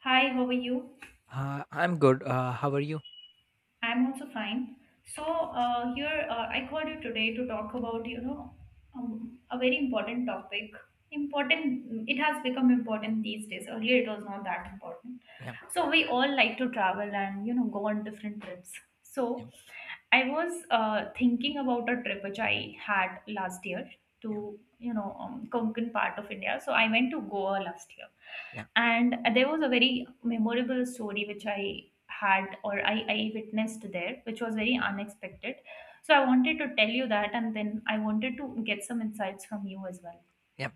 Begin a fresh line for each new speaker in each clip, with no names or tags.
Hi, how are you?
I'm good. How are you?
I'm also fine. So here I called you today to talk about a very important topic. Important, it has become important these days. Earlier, it was not that important.
Yeah,
So we all like to travel and go on different trips. So
yeah,
I was thinking about a trip which I had last year
yeah,
to Konkan part of India. So I went to Goa last year,
yeah,
and there was a very memorable story which I had or I witnessed there, which was very unexpected. So I wanted to tell you that, and then I wanted to get some insights from you as well.
yeah.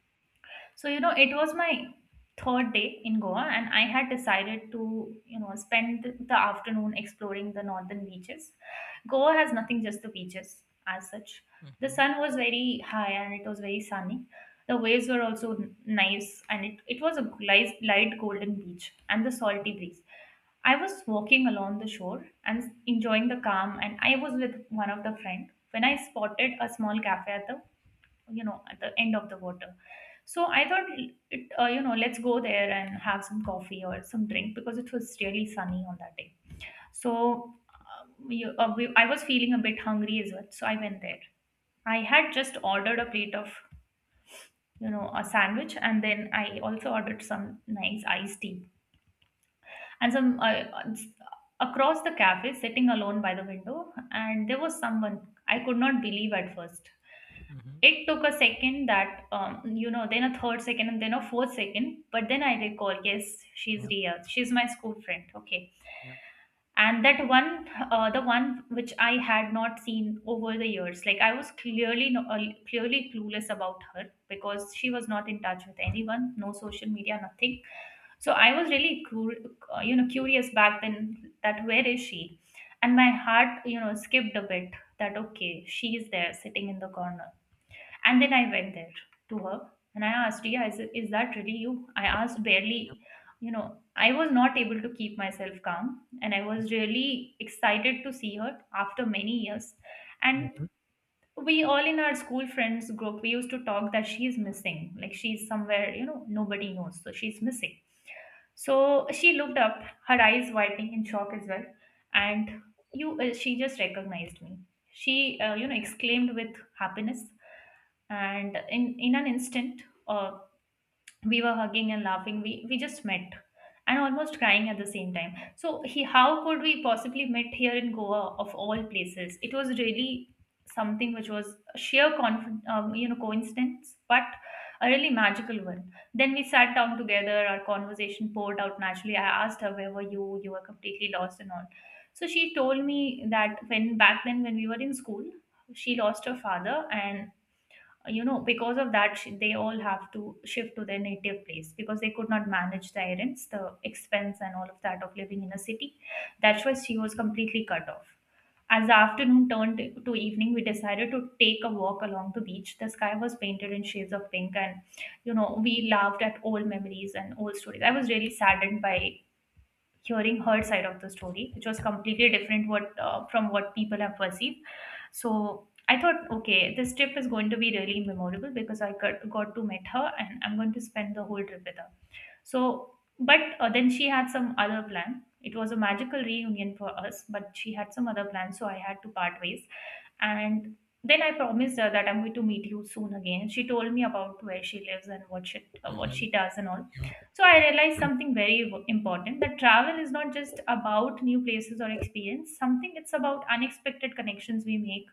So, it was my third day in Goa, and I had decided to spend the afternoon exploring the northern beaches. Goa has nothing, just the beaches as such. The
Mm-hmm.
sun was very high and it was very sunny. The waves were also nice, and it was a light, light golden beach and the salty breeze. I was walking along the shore and enjoying the calm, and I was with one of the friend when I spotted a small cafe at the you know at the end of the water. So I thought, it you know let's go there and have some coffee or some drink because it was really sunny on that day. So I was feeling a bit hungry as well, so I went there. I had just ordered a plate of a sandwich, and then I also ordered some nice iced tea and
Mm-hmm.
some uh, across the cafe sitting alone by the window, and there was someone I could not believe at first.
Mm-hmm,
It took a second, that then a third second, and then a fourth second, but then I recall, yes, she's
yeah,
Ria. She's my school friend, okay.
yeah,
And that one the one which I had not seen over the years, like I was clearly no, clearly clueless about her because she was not in touch with anyone, no social media, nothing. So I was really curious back then, that where is she. And my heart skipped a bit, that okay, she is there sitting in the corner. And then I went there to her and I asked, yeah, is that really you? I asked
yeah.
barely, I was not able to keep myself calm, and I was really excited to see her after many years. And
Mm-hmm.
we all in our school friends group, we used to talk that she is missing, like she's somewhere, nobody knows. So she's missing. So she looked up, her eyes widening in shock as well. And she just recognized me. She, exclaimed with happiness, and in an instant, uh, we were hugging and laughing. We just met and almost crying at the same time. So he how could we possibly met here in Goa of all places? It was really something which was a sheer coincidence, but a really magical one. Then we sat down together, our conversation poured out naturally. I asked her, where were you? You were completely lost and all. So she told me that when back then when we were in school, she lost her father. And because of that, they all have to shift to their native place because they could not manage the errands, the expense, and all of that of living in a city. That's why she was completely cut off. As the afternoon turned to evening, we decided to take a walk along the beach. The sky was painted in shades of pink, and we laughed at old memories and old stories. I was really saddened by hearing her side of the story, which was
Yeah,
completely different what from what people have perceived. So I thought, okay, this trip is going to be really memorable because I got to meet her and I'm going to spend the whole trip with her. So, but then she had some other plan. It was a magical reunion for us, but she had some other plans, so I had to part ways. And then I promised her that I'm going to meet you soon again. She told me about where she lives and what she uh, what
mm-hmm.
she does and
Yeah,
all.
yeah,
So I realized something very important, that travel is not just about new places or experience. Something it's about unexpected connections we make,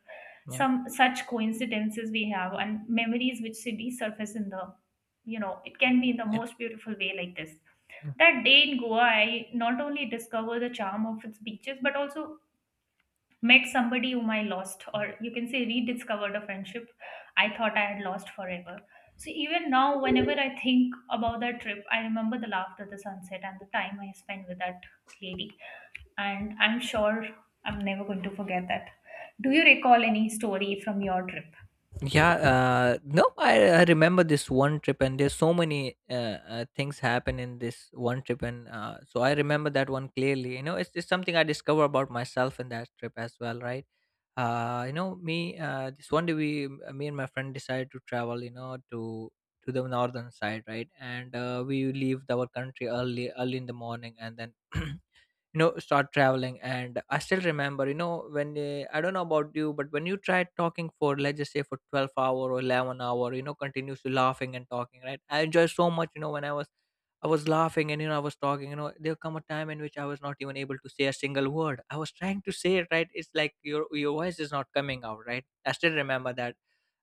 yeah,
some such coincidences we have, and memories which resurface in the, you know, it can be in the
yeah,
most beautiful way like this.
yeah.
That day in Goa, I not only discovered the charm of its beaches, but also met somebody whom I lost,
Yeah,
or you can say rediscovered a friendship I thought I had lost forever. So even now, whenever I think about that trip, I remember the laughter, the sunset, and the time I spent with that lady. And I'm sure I'm never going to forget that. Do you recall any story from your trip?
yeah, no, I remember this one trip, and there's so many things happen in this one trip, and so I remember that one clearly. You know, it's something I discover about myself in that trip as well, right? You know, me this one day we me and my friend decided to travel, you know, to the northern side, right? And we leave our country early in the morning, and then you know, start traveling. And I still remember, you know, when I don't know about you, but when you try talking for, let's just say, for 12 hour or 11 hour, you know, continuously laughing and talking, right? I enjoy so much, you know, when I was laughing and, you know, I was talking. You know, there come a time in which I was not even able to say a single word. I was trying to say it, right? It's like your voice is not coming out, right? I still remember that,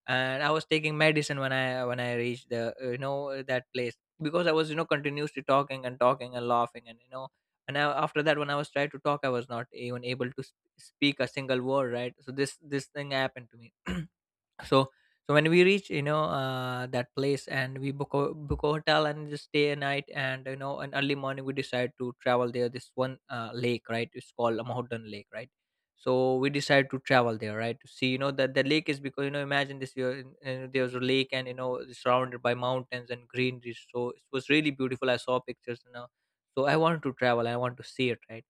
and I was taking medicine when I reached the you know, that place, because I was, you know, continuously talking and talking and laughing and you know. And I, after that, when I was trying to talk, I was not even able to speak a single word, right? So this thing happened to me. so so when we reach, you know, that place, and we book a hotel and just stay a night. And, you know, an early morning we decide to travel there, this one lake, right? It's called Mountain Lake, right? So we decide to travel there, right, to see, you know, that the lake is, because, you know, imagine this, there's a lake, and, you know, it's surrounded by mountains and greenery, so it was really beautiful. I saw pictures, you know. So I wanted to travel, I want to see it, right?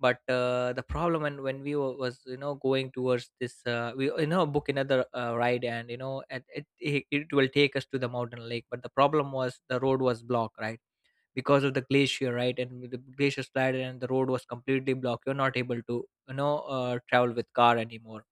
But the problem when we were, was, you know, going towards this, we, you know, book another ride, and, you know, and it will take us to the mountain lake. But the problem was the road was blocked, right? Because of the glacier, right, and with the glacier slide, and the road was completely blocked. You're not able to, you know, travel with car anymore.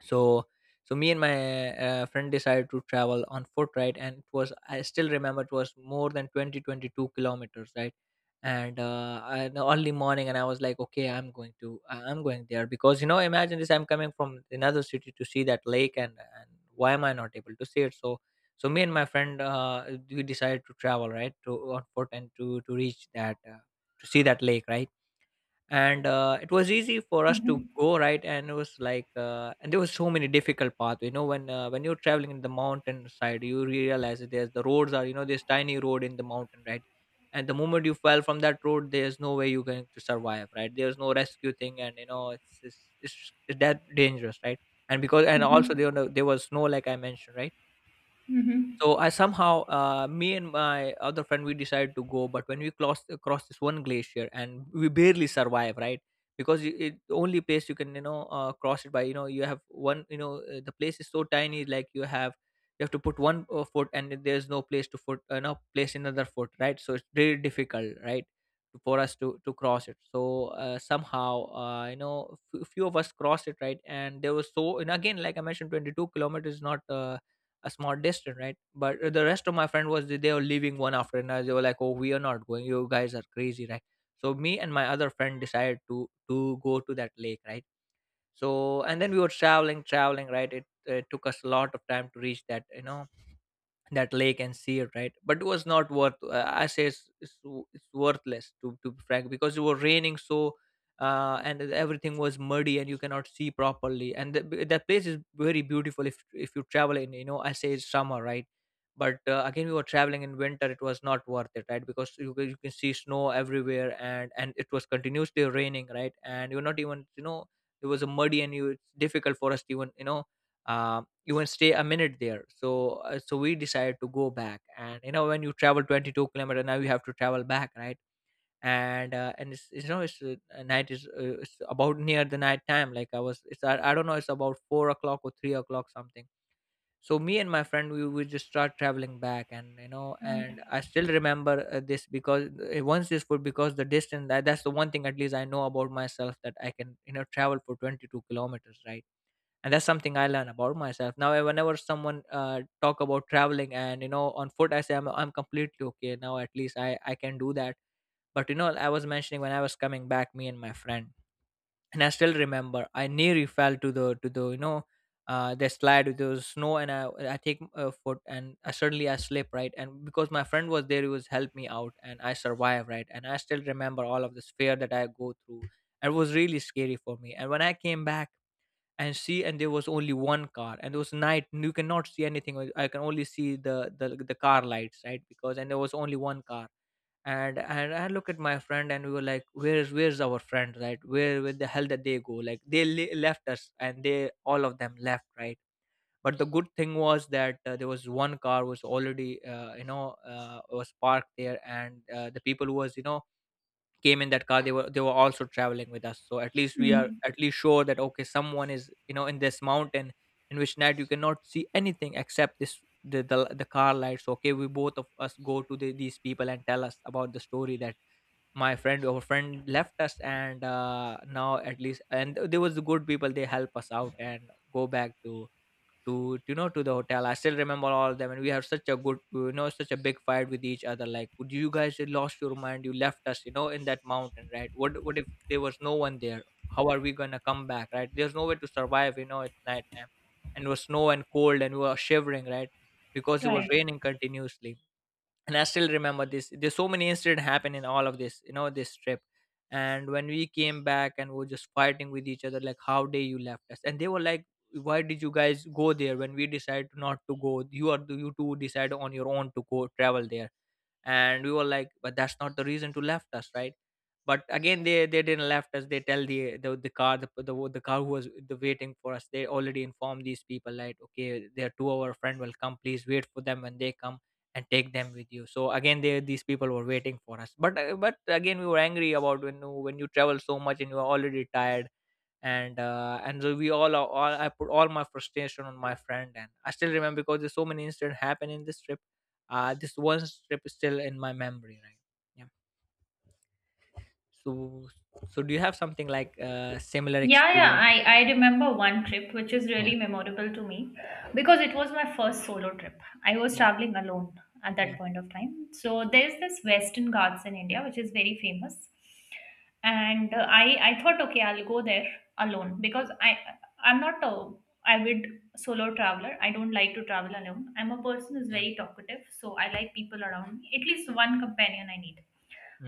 So me and my friend decided to travel on foot, right? And it was, I still remember, it was more than 22 kilometers, right? And in the early morning, and I was like, okay, I'm going there, because, you know, imagine this, I'm coming from another city to see that lake. And why am I not able to see it? So, so me and my friend, we decided to travel, right, to on foot, and to reach that, to see that lake, right? And it was easy for us to
Mm-hmm.
go, right? And it was like, and there was so many difficult paths, you know, when you're traveling in the mountain side, you realize that there's, the roads are, you know, this tiny road in the mountain, right? And the moment you fell from that road, there's no way you're going to survive, right? There's no rescue thing, and, you know, it's that dangerous, right? And because, and also
Mm-hmm.
there, were no- there was snow, like I mentioned, right? So
Mm-hmm.
I somehow, me and my other friend, we decided to go. But when we crossed across this one glacier, and we barely survive, right? Because it, the only place you can, you know, cross it by, you know, you have one, you know, the place is so tiny. Like you have to put one foot, and then there's no place to foot, no place another foot, right? So it's very difficult, right, for us to cross it. So somehow, you know, few of us crossed it, right? And there was so, and again, like I mentioned, 22 kilometers is not a small distance, right? But the rest of my friend was, they were leaving one after another. They were like, "Oh, we are not going. You guys are crazy, right?" So me and my other friend decided to go to that lake, right? So and then we were traveling, traveling, right? It took us a lot of time to reach that, you know, that lake and see it, right? But it was not worth, I say it's worthless, to be frank, because it was raining. So, and everything was muddy and you cannot see properly. And that place is very beautiful if you travel in, you know, I say it's summer, right? But again we were traveling in winter. It was not worth it, right? Because you can see snow everywhere. And it was continuously raining, right? And you're not even, you know, it was a muddy, and you, it's difficult for us to even, you know, even stay a minute there. So we decided to go back. And, you know, when you travel 22 kilometer, now you have to travel back, right? And, and it's you know, it's night is, it's about near the night time. Like I was, I don't know, it's about 4 o'clock or 3 o'clock, something. So me and my friend, we would just start traveling back. And, you know, and
Right.
I still remember this, because once this food, because the distance, that's the one thing at least I know about myself, that I can, you know, travel for 22 kilometers, right? And that's something I learn about myself now. Whenever someone talk about traveling and, you know, on foot, I say, I'm completely okay now. At least I can do that. But you know, I was mentioning, when I was coming back, me and my friend, and I still remember I nearly fell to the to the, you know, the slide with the snow. And I take a foot, and I suddenly I slip, right? And because my friend was there, he was helped me out, and I survived, right? And I still remember all of this fear that I go through. It was really scary for me. And when I came back, and see, and there was only one car, and it was night and you cannot see anything. I can only see the car lights, right? Because, and there was only one car. And I look at my friend, and we were like, where's our friend, right? Where the hell did they go? Like they left us, and they, all of them left, right? But the good thing was that, there was one car was already, you know, was parked there. And the people who was, you know, came in that car, they were also traveling with us. So at least we are,
Mm-hmm.
at least sure that, okay, someone is, you know, in this mountain, in which night you cannot see anything except this, the car lights. Okay, we, both of us, go to these people and tell us about the story, that my friend our friend left us. And now, at least, and there was the good people, they help us out, and go back to, you know, to the hotel. I still remember all of them. And we have such a good, you know, such a big fight with each other, like, "Would you guys lost your mind? You left us, you know, in that mountain, right? What if there was no one there? How are we gonna come back, right? There's no way to survive, you know, at night time. And it was snow and cold, and we were shivering, right? Because it was
Right.
raining continuously. And I still remember this. There's so many incidents happen in all of this, you know, this trip. And when we came back, and we were just fighting with each other, like, how dare you left us. And they were like, why did you guys go there when we decided not to go? You are, you two decide on your own to go travel there. And we were like, but that's not the reason to left us, right? But again, they didn't left us. They tell the car the, the car who was the waiting for us. They already informed these people, like, "Okay, their two our friend will come, please wait for them when they come and take them with you." So again, they these people were waiting for us, but again we were angry about when you travel so much and you are already tired. And so we all I put all my frustration on my friend, and I still remember because there's so many incidents happened in this trip. This one trip is still in my memory, right? Yeah. So so do you have something like similar
Yeah, yeah,
experience?
I remember one trip which is
Yeah.
really memorable to me because it was my first solo trip. I was
Yeah.
traveling alone at that
Yeah.
point of time. So there's this Western Ghats in India which is very famous. And I thought, okay, I'll go there alone, because I'm not a avid solo traveler. I don't like to travel alone. I'm a person who's
Yeah.
very talkative, so I like people around me. At least one companion I need.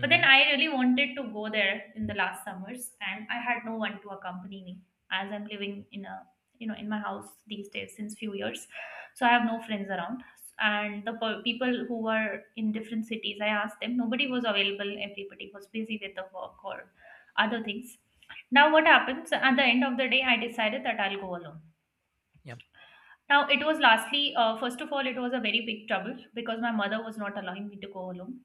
But then I really wanted to go there in the last summers, and I had no one to accompany me, as I'm living in a you know in my house these days since few years, so I have no friends around. And the people who were in different cities, I asked them, nobody was available. Everybody was busy with the work or other things. Now what happens at the end of the day? I decided that I'll go alone.
Yeah.
Now it was lastly, first of all, it was a very big trouble because my mother was not allowing me to go alone.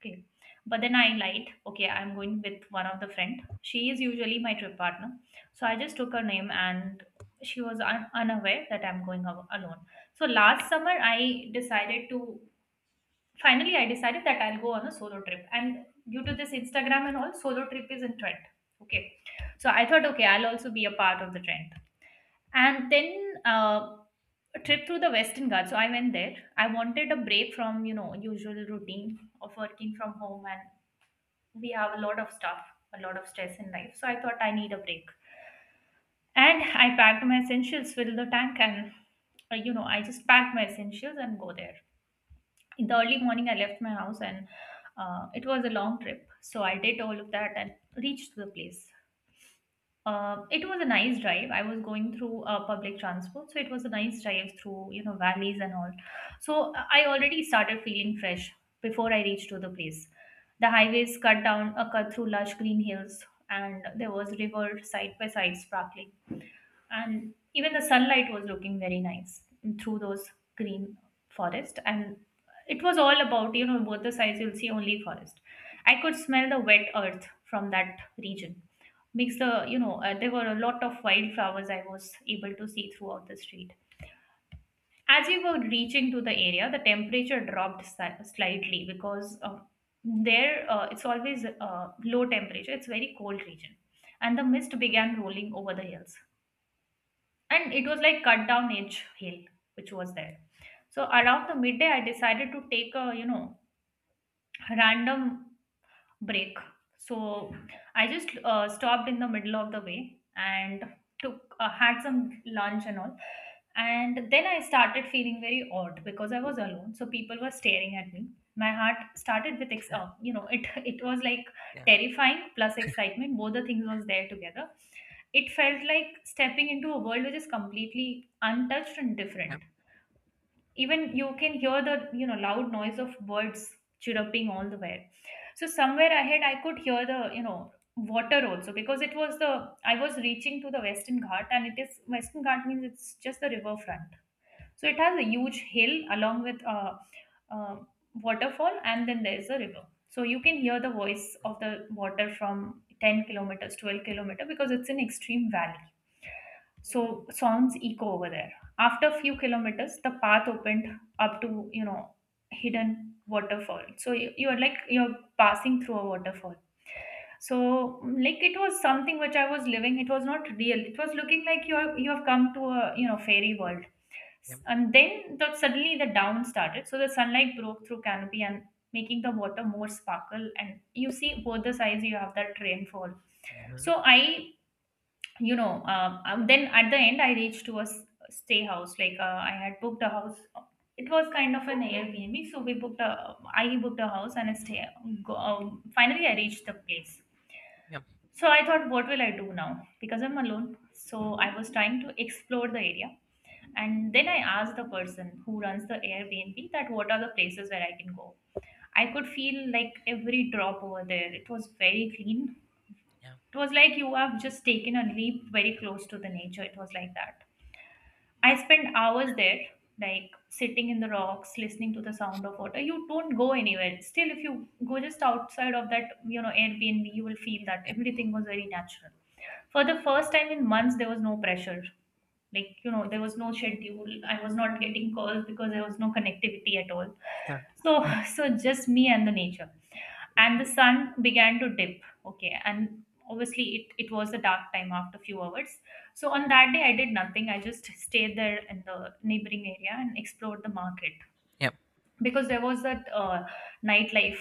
Okay. But then I lied. Okay, I'm going with one of the friend. She is usually my trip partner. So I just took her name, and she was unaware that I'm going alone. So last summer, I decided to finally I decided that I'll go on a solo trip. And due to this Instagram and all, solo trip is in trend. Okay. So I thought, okay, I'll also be a part of the trend. And then a
Yeah.
trip through the Western Ghats. So I went there. I wanted a break from, usual routine of working from home, and we have a lot of stuff, a lot of stress in life. So I thought I need a break. And I packed my essentials, filled the tank, and I just packed my essentials and go there. In the early morning, I left my house, and it was a long trip. So I did all of that and reached the place. It was a nice drive. I was going through public transport, so it was a nice drive through, valleys and all. So I already started feeling fresh before I reached to the place. The highways cut through lush green hills, and there was river side by side sparkling, and even the sunlight was looking very nice through those green forest. And it was all about both the sides, you'll see only forest. I could smell the wet earth from that region. Mix the you know There were a lot of wildflowers I was able to see throughout the street. As we were reaching to the area, the temperature dropped slightly, because there it's always low temperature, it's very cold region, and the mist began rolling over the hills. And it was like cut down edge hill which was there. So around the midday, I decided to take a random break. So I just stopped in the middle of the way and took had some lunch and all. And then I started feeling very odd because I was alone, so people were staring at me. My heart started with it it was like
Yeah.
terrifying plus excitement. Both the things was there together. It felt like stepping into a world which is completely untouched and
Yeah.
different. Even you can hear the loud noise of birds chirruping all the way, so somewhere ahead, I could hear the water also because I was reaching to the Western Ghat, and Western Ghat means it's just the riverfront. So it has a huge hill along with a waterfall, and then there's a river. So you can hear the voice of the water from 10 kilometers, 12 kilometer, because it's an extreme valley. So sounds echo over there. After a few kilometers, the path opened up to hidden waterfall. So you are like you're passing through a waterfall. So like it was something which I was living. It was not real. It was looking like you have come to a fairy world.
Yeah.
And then suddenly the down started. So the sunlight broke through canopy and making the water more sparkle. And you see both the sides. You have that rainfall.
Mm-hmm.
So then at the end, I reached to a stay house. Like, I had booked a house. It was kind of an Airbnb, so we booked a. I booked a house and a stay. Finally, I reached the place.
Yeah.
So I thought, what will I do now? Because I'm alone. So I was trying to explore the area, and then I asked the person who runs the Airbnb that what are the places where I can go. I could feel like every drop over there. It was very clean.
Yeah.
It was like you have just taken a leap very close to the nature. It was like that. I spent hours there, like sitting in the rocks, listening to the sound of water. You don't go anywhere. Still, if you go just outside of that Airbnb, you will feel that
Yeah.
everything was very natural. For the first time in months, there was no pressure, there was no schedule. I was not getting calls because there was no connectivity at all,
Yeah.
so so just me and the nature. And the
Yeah.
sun began to dip, okay, and obviously it was the dark time after few hours. So on that day I did nothing. I just stayed there in the neighboring area and explored the market,
Yeah.
because there was that nightlife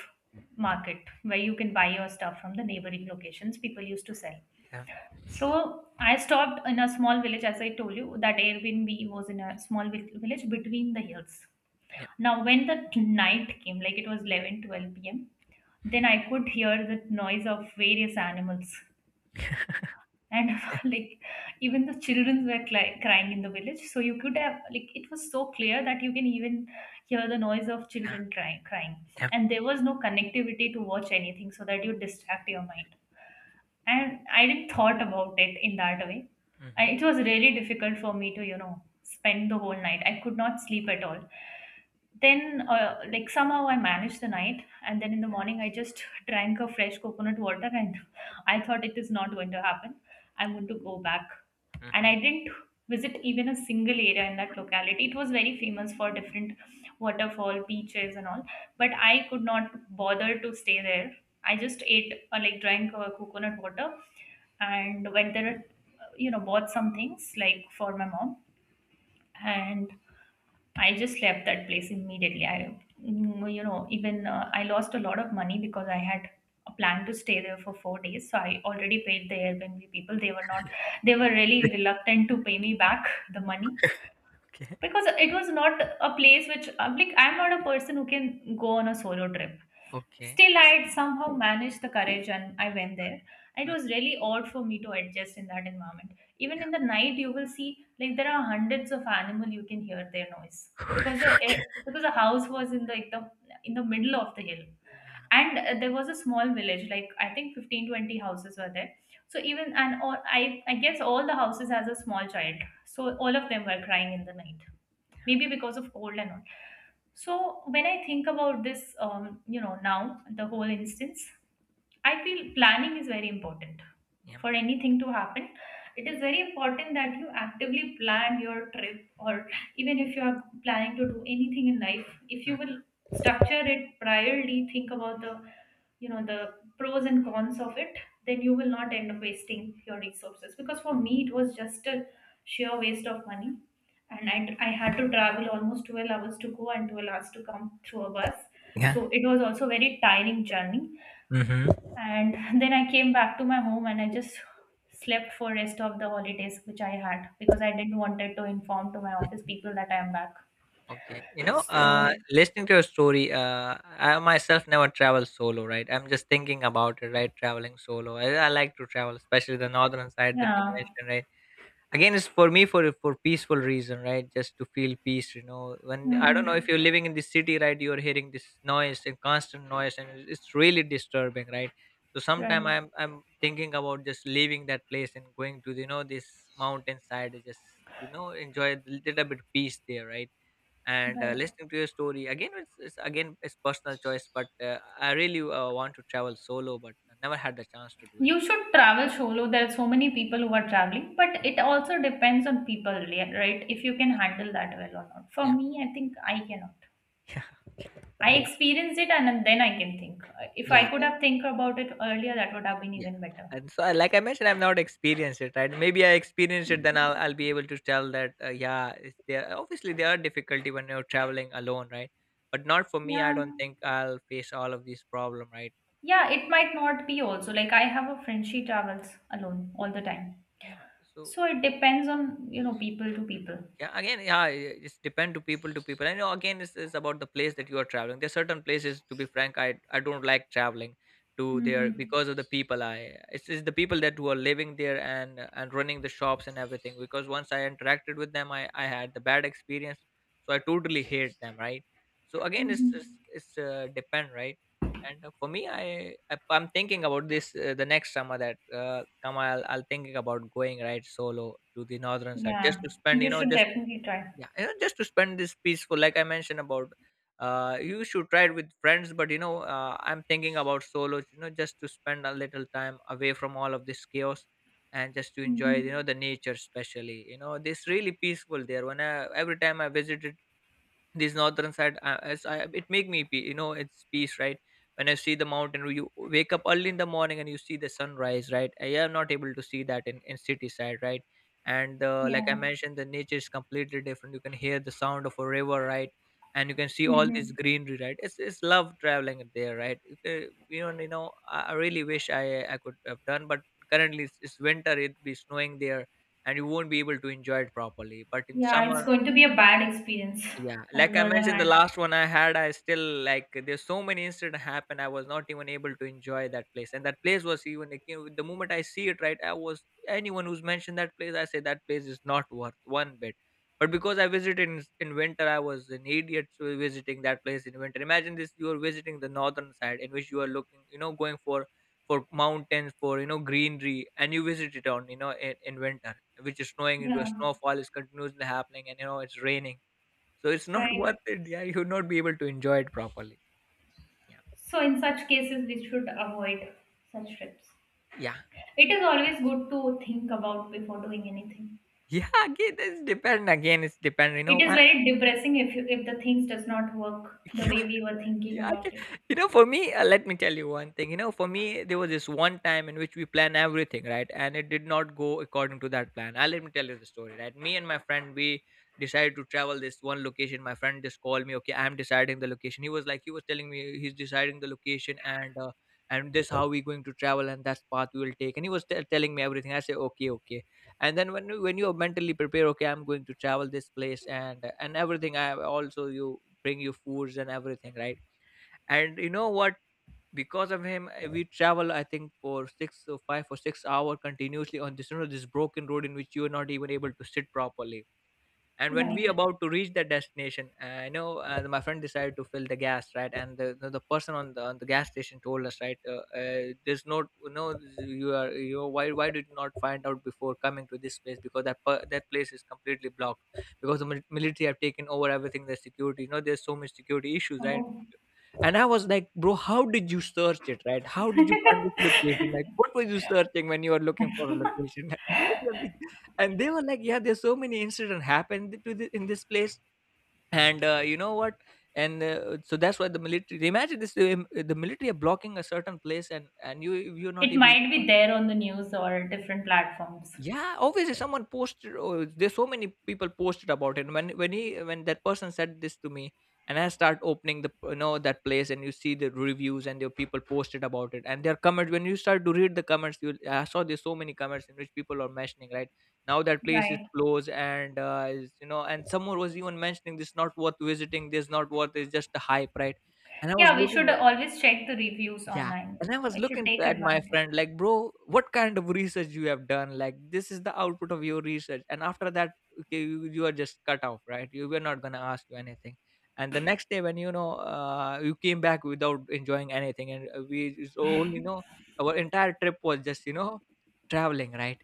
market where you can buy your stuff from the neighboring locations people used to sell.
Yeah.
So I stopped in a small village, as I told you, that Airbnb was in a small village between the hills.
Yeah. Yeah.
Now, when the night came, like it was 11, 12 p.m., then I could hear the noise of various animals. And like even the children were crying in the village. So you could have, like, it was so clear that you can even hear the noise of
Yeah.
children crying, crying.
Yeah.
And there was no connectivity to watch anything so that you distract your mind, and I didn't thought about it in that way.
Mm-hmm.
It was really difficult for me to spend the whole night. I could not sleep at all. Then, like somehow I managed the night, and then in the morning I just drank a fresh coconut water. And I thought it is not going to happen. I'm going to go back. And I
Mm-hmm.
didn't visit even a single area in that locality. It was very famous for different waterfall beaches and all, but I could not bother to stay there. I just ate, or like drank a coconut water, and went there, bought some things like for my mom. And I just left that place immediately. I, mm, you know, Even, I lost a lot of money because I had a plan to stay there for 4 days. So I already paid the Airbnb people. They were not, they were really reluctant to pay me back the money,
Okay.
because it was not a place which I'm like, I'm not a person who can go on a solo trip.
Okay.
Still, I had somehow managed the courage and I went there. It
Mm.
was really odd for me to adjust in that environment. Even
Yeah.
in the night, you will see like there are hundreds of animal. You can hear their noise because
Okay.
because the house was in the middle of the hill,
Yeah.
and there was a small village, like I think 15-20 houses were there. So even and all, I guess all the houses has a small child. So all of them were crying in the night, maybe
Yeah.
because of cold and all. So when I think about this, now the whole instance, I feel planning is very important
Yeah.
for anything to happen. It is very important that you actively plan your trip, or even if you are planning to do anything in life, if you
Mm.
will structure it priorly, think about the you know the pros and cons of it. Then you will not end up wasting your resources, because for me it was just a sheer waste of money. And I had to travel almost 12 hours to go and 12 hours to come through a bus,
Yeah.
so it was also very tiring journey.
Mhm.
And then I came back to my home, and I just slept for rest of the holidays which I had, because I didn't wanted to inform to my office people that I am back.
Okay, you know,
So
listening to your story, I myself never travel solo, right? I'm just thinking about it, right? Traveling solo. I like to travel, especially the northern side that you
yeah.
mentioned, right? Again, it's for me for peaceful reason, right? Just to feel peace, you know. When, I don't know if
Mm-hmm.
you're living in the city, right, you're hearing this noise and constant noise, and it's really disturbing, right? So sometime
Right.
I'm thinking about just leaving that place and going to, you know, this mountainside, and just, you know, enjoy a little bit peace there, right? And
Right.
listening to your story again, it's again, it's personal choice, but I really want to travel solo, but I never had the chance to do it.
You should travel solo. There are so many people who are traveling, but it also depends on people, right? If you can
Yeah.
handle that well or not. For
Yeah.
me, I think I cannot.
Yeah. I
I
mean,
experienced it and then I can think. If I
yeah,
could have think about it earlier, that would have been
yeah.
even better.
And so, I- like I mentioned, I've not experienced it, right? Maybe I experience it, then I'll be able to tell that, yeah, it's there. Obviously, there are difficulty when you're traveling alone, right? But not for me. I
Yeah.
don't think I'll face all of these problem, right?
Yeah, it might not be also. Like I have a friend, she travels alone all the time.
Yeah. So
So it depends on, people to people.
yeah, again, yeah, I- it's depend to people to people. And you know, again, it's about the place that you are traveling. There are certain places, to be frank, I don't like traveling to there
Mm-hmm.
because of the people, I— it's the people that who are living there and running the shops and everything, because once I interacted with them, I had the bad experience. So I totally hate them, right? So again, it's it's,
Mm-hmm.
it's depend, right? And for me, I'm thinking about this the next summer that come, I'll thinking about going, right, solo to the northern side, just
Yeah.
to spend,
You
you know,
should
just,
definitely try.
yeah, you know, just to spend this peaceful, like I mentioned about, you should try it with friends, but you know, I'm thinking about solo, you know, just to spend a little time away from all of this chaos and just to enjoy, you know,
Mm-hmm.
the nature, especially, you know, this really peaceful there. When I, every time I visited this northern side, as I, it make me pe- you know, it's peace, right? When I see the mountain, you wake up early in the morning and you see the sunrise, right? I am not able to see that in city side, right? And like I
Yeah.
mentioned, the nature is completely different. You can hear the sound of a river, right? And you can see all this
Mm-hmm.
greenery, right? It's love traveling there, right? You ca- you know, you know, I— I really wish I— I could have done, but currently, it's winter, it be snowing there, and you won't be able to enjoy it properly, but in
Yeah, it's
summer,
going to be a bad experience
yeah,
on
like
the
I
other
mentioned, the
hand.
last one I had, I still like. There's so many incident happened. I was not even able to enjoy that place, and that place was even like, you know, the moment I see it, right? I was anyone who's mentioned that place, I say that place is not worth one bit. But because I visited in winter, I was an idiot to visiting that place in winter. Imagine this: you are visiting the northern side, in which you are looking, you know, going for mountains, for, you know, greenery, and you visit it on, you know, in winter, which is snowing into
Yeah,
a snowfall is continuously happening, and you know it's raining, so it's not
right.
worth it. Yeah, you would not be able to enjoy it properly. Yeah,
So, in such cases, we should avoid such trips.
yeah,
It is always good to think about before doing anything.
yeah. Again, it's depend. Again, it's depend. You
It
know,
is very depressing if the things does not work the way we were thinking
yeah, yeah, I
about
can,
it.
you know, for me, let me tell you one thing. You know, for me, there was this one time in which we planned everything, right? And it did not go according to that plan. I— let me tell you the story, right? Me and my friend, we decided to travel this one location. My friend just called me, okay, I'm deciding the location. He was like, he was telling me he's deciding the location and this how we going to travel and that's path we will take. And he was t- telling me everything. I say, okay, okay. And then when you mentally prepare, okay, I'm going to travel this place and everything, I also you bring you foods and everything, right? And you know what, because of him, we travel, I think, for 6 or 5 or 6 hour continuously on this, you know, this broken road, in which you are not even able to sit properly. And when we
Right.
about to reach that destination, I know, my friend decided to fill the gas, right? And the person on the gas station told us, right, there's no no, you are you are- why did you not find out before coming to this place? Because that per, that place is completely blocked because the mil- military have taken over everything, the security, you know, there's so much security issues, right?
Oh,
And I was like, bro, how did you search it, right? How did you find this location? Like, what were you searching when you were looking for a location? And they were like, yeah, there's so many incident happened to the, in this place. And you know what, and so that's why the military, imagine this, the military are blocking a certain place, and you, you're not
it
able
might
to,
be there on the news or different platforms.
yeah, obviously someone posted. Oh, there's so many people posted about it. When he when that person said this to me, and I start opening the, you know, that place, and you see the reviews and the people posted about it, and their comments. When you start to read the comments, you— I saw there's so many comments in which people are mentioning, right, now that place is
Right.
closed, and is, you know, and someone was even mentioning this not worth visiting. This not worth. It's just a hype, right? And I was
Yeah, we should
looking,
always check the reviews
yeah.
online.
And I was
We should
looking
take
at my
advantage.
friend like, bro, what kind of research you have done? Like, this is the output of your research. And after that, okay, you are just cut off, right? You were not gonna ask you anything. And the next day, when, you know, you came back without enjoying anything, and we so only know our entire trip was just, you know, traveling, right?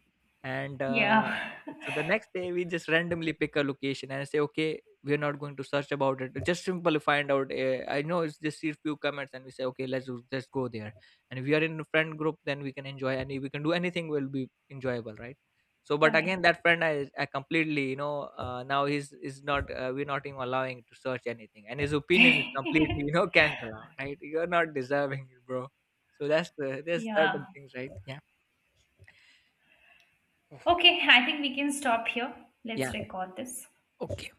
And
Yeah.
so the next day, we just randomly pick a location and say, okay, we are not going to search about it, just simply find out, I know, it's just see few comments and we say, okay, let's do- let's go there. And if we are in a friend group, then we can enjoy and we can do anything will be enjoyable, right? So but again, that friend, I completely, you know, now he's is not we're not even allowing to search anything, and his opinion is
Right.
completely you know, cancel out, right? You're not deserving it, bro. So that's the there's
Yeah.
certain things, right? Yeah.
Okay, I think we can stop here.
Yeah.
Let's record this.
Okay.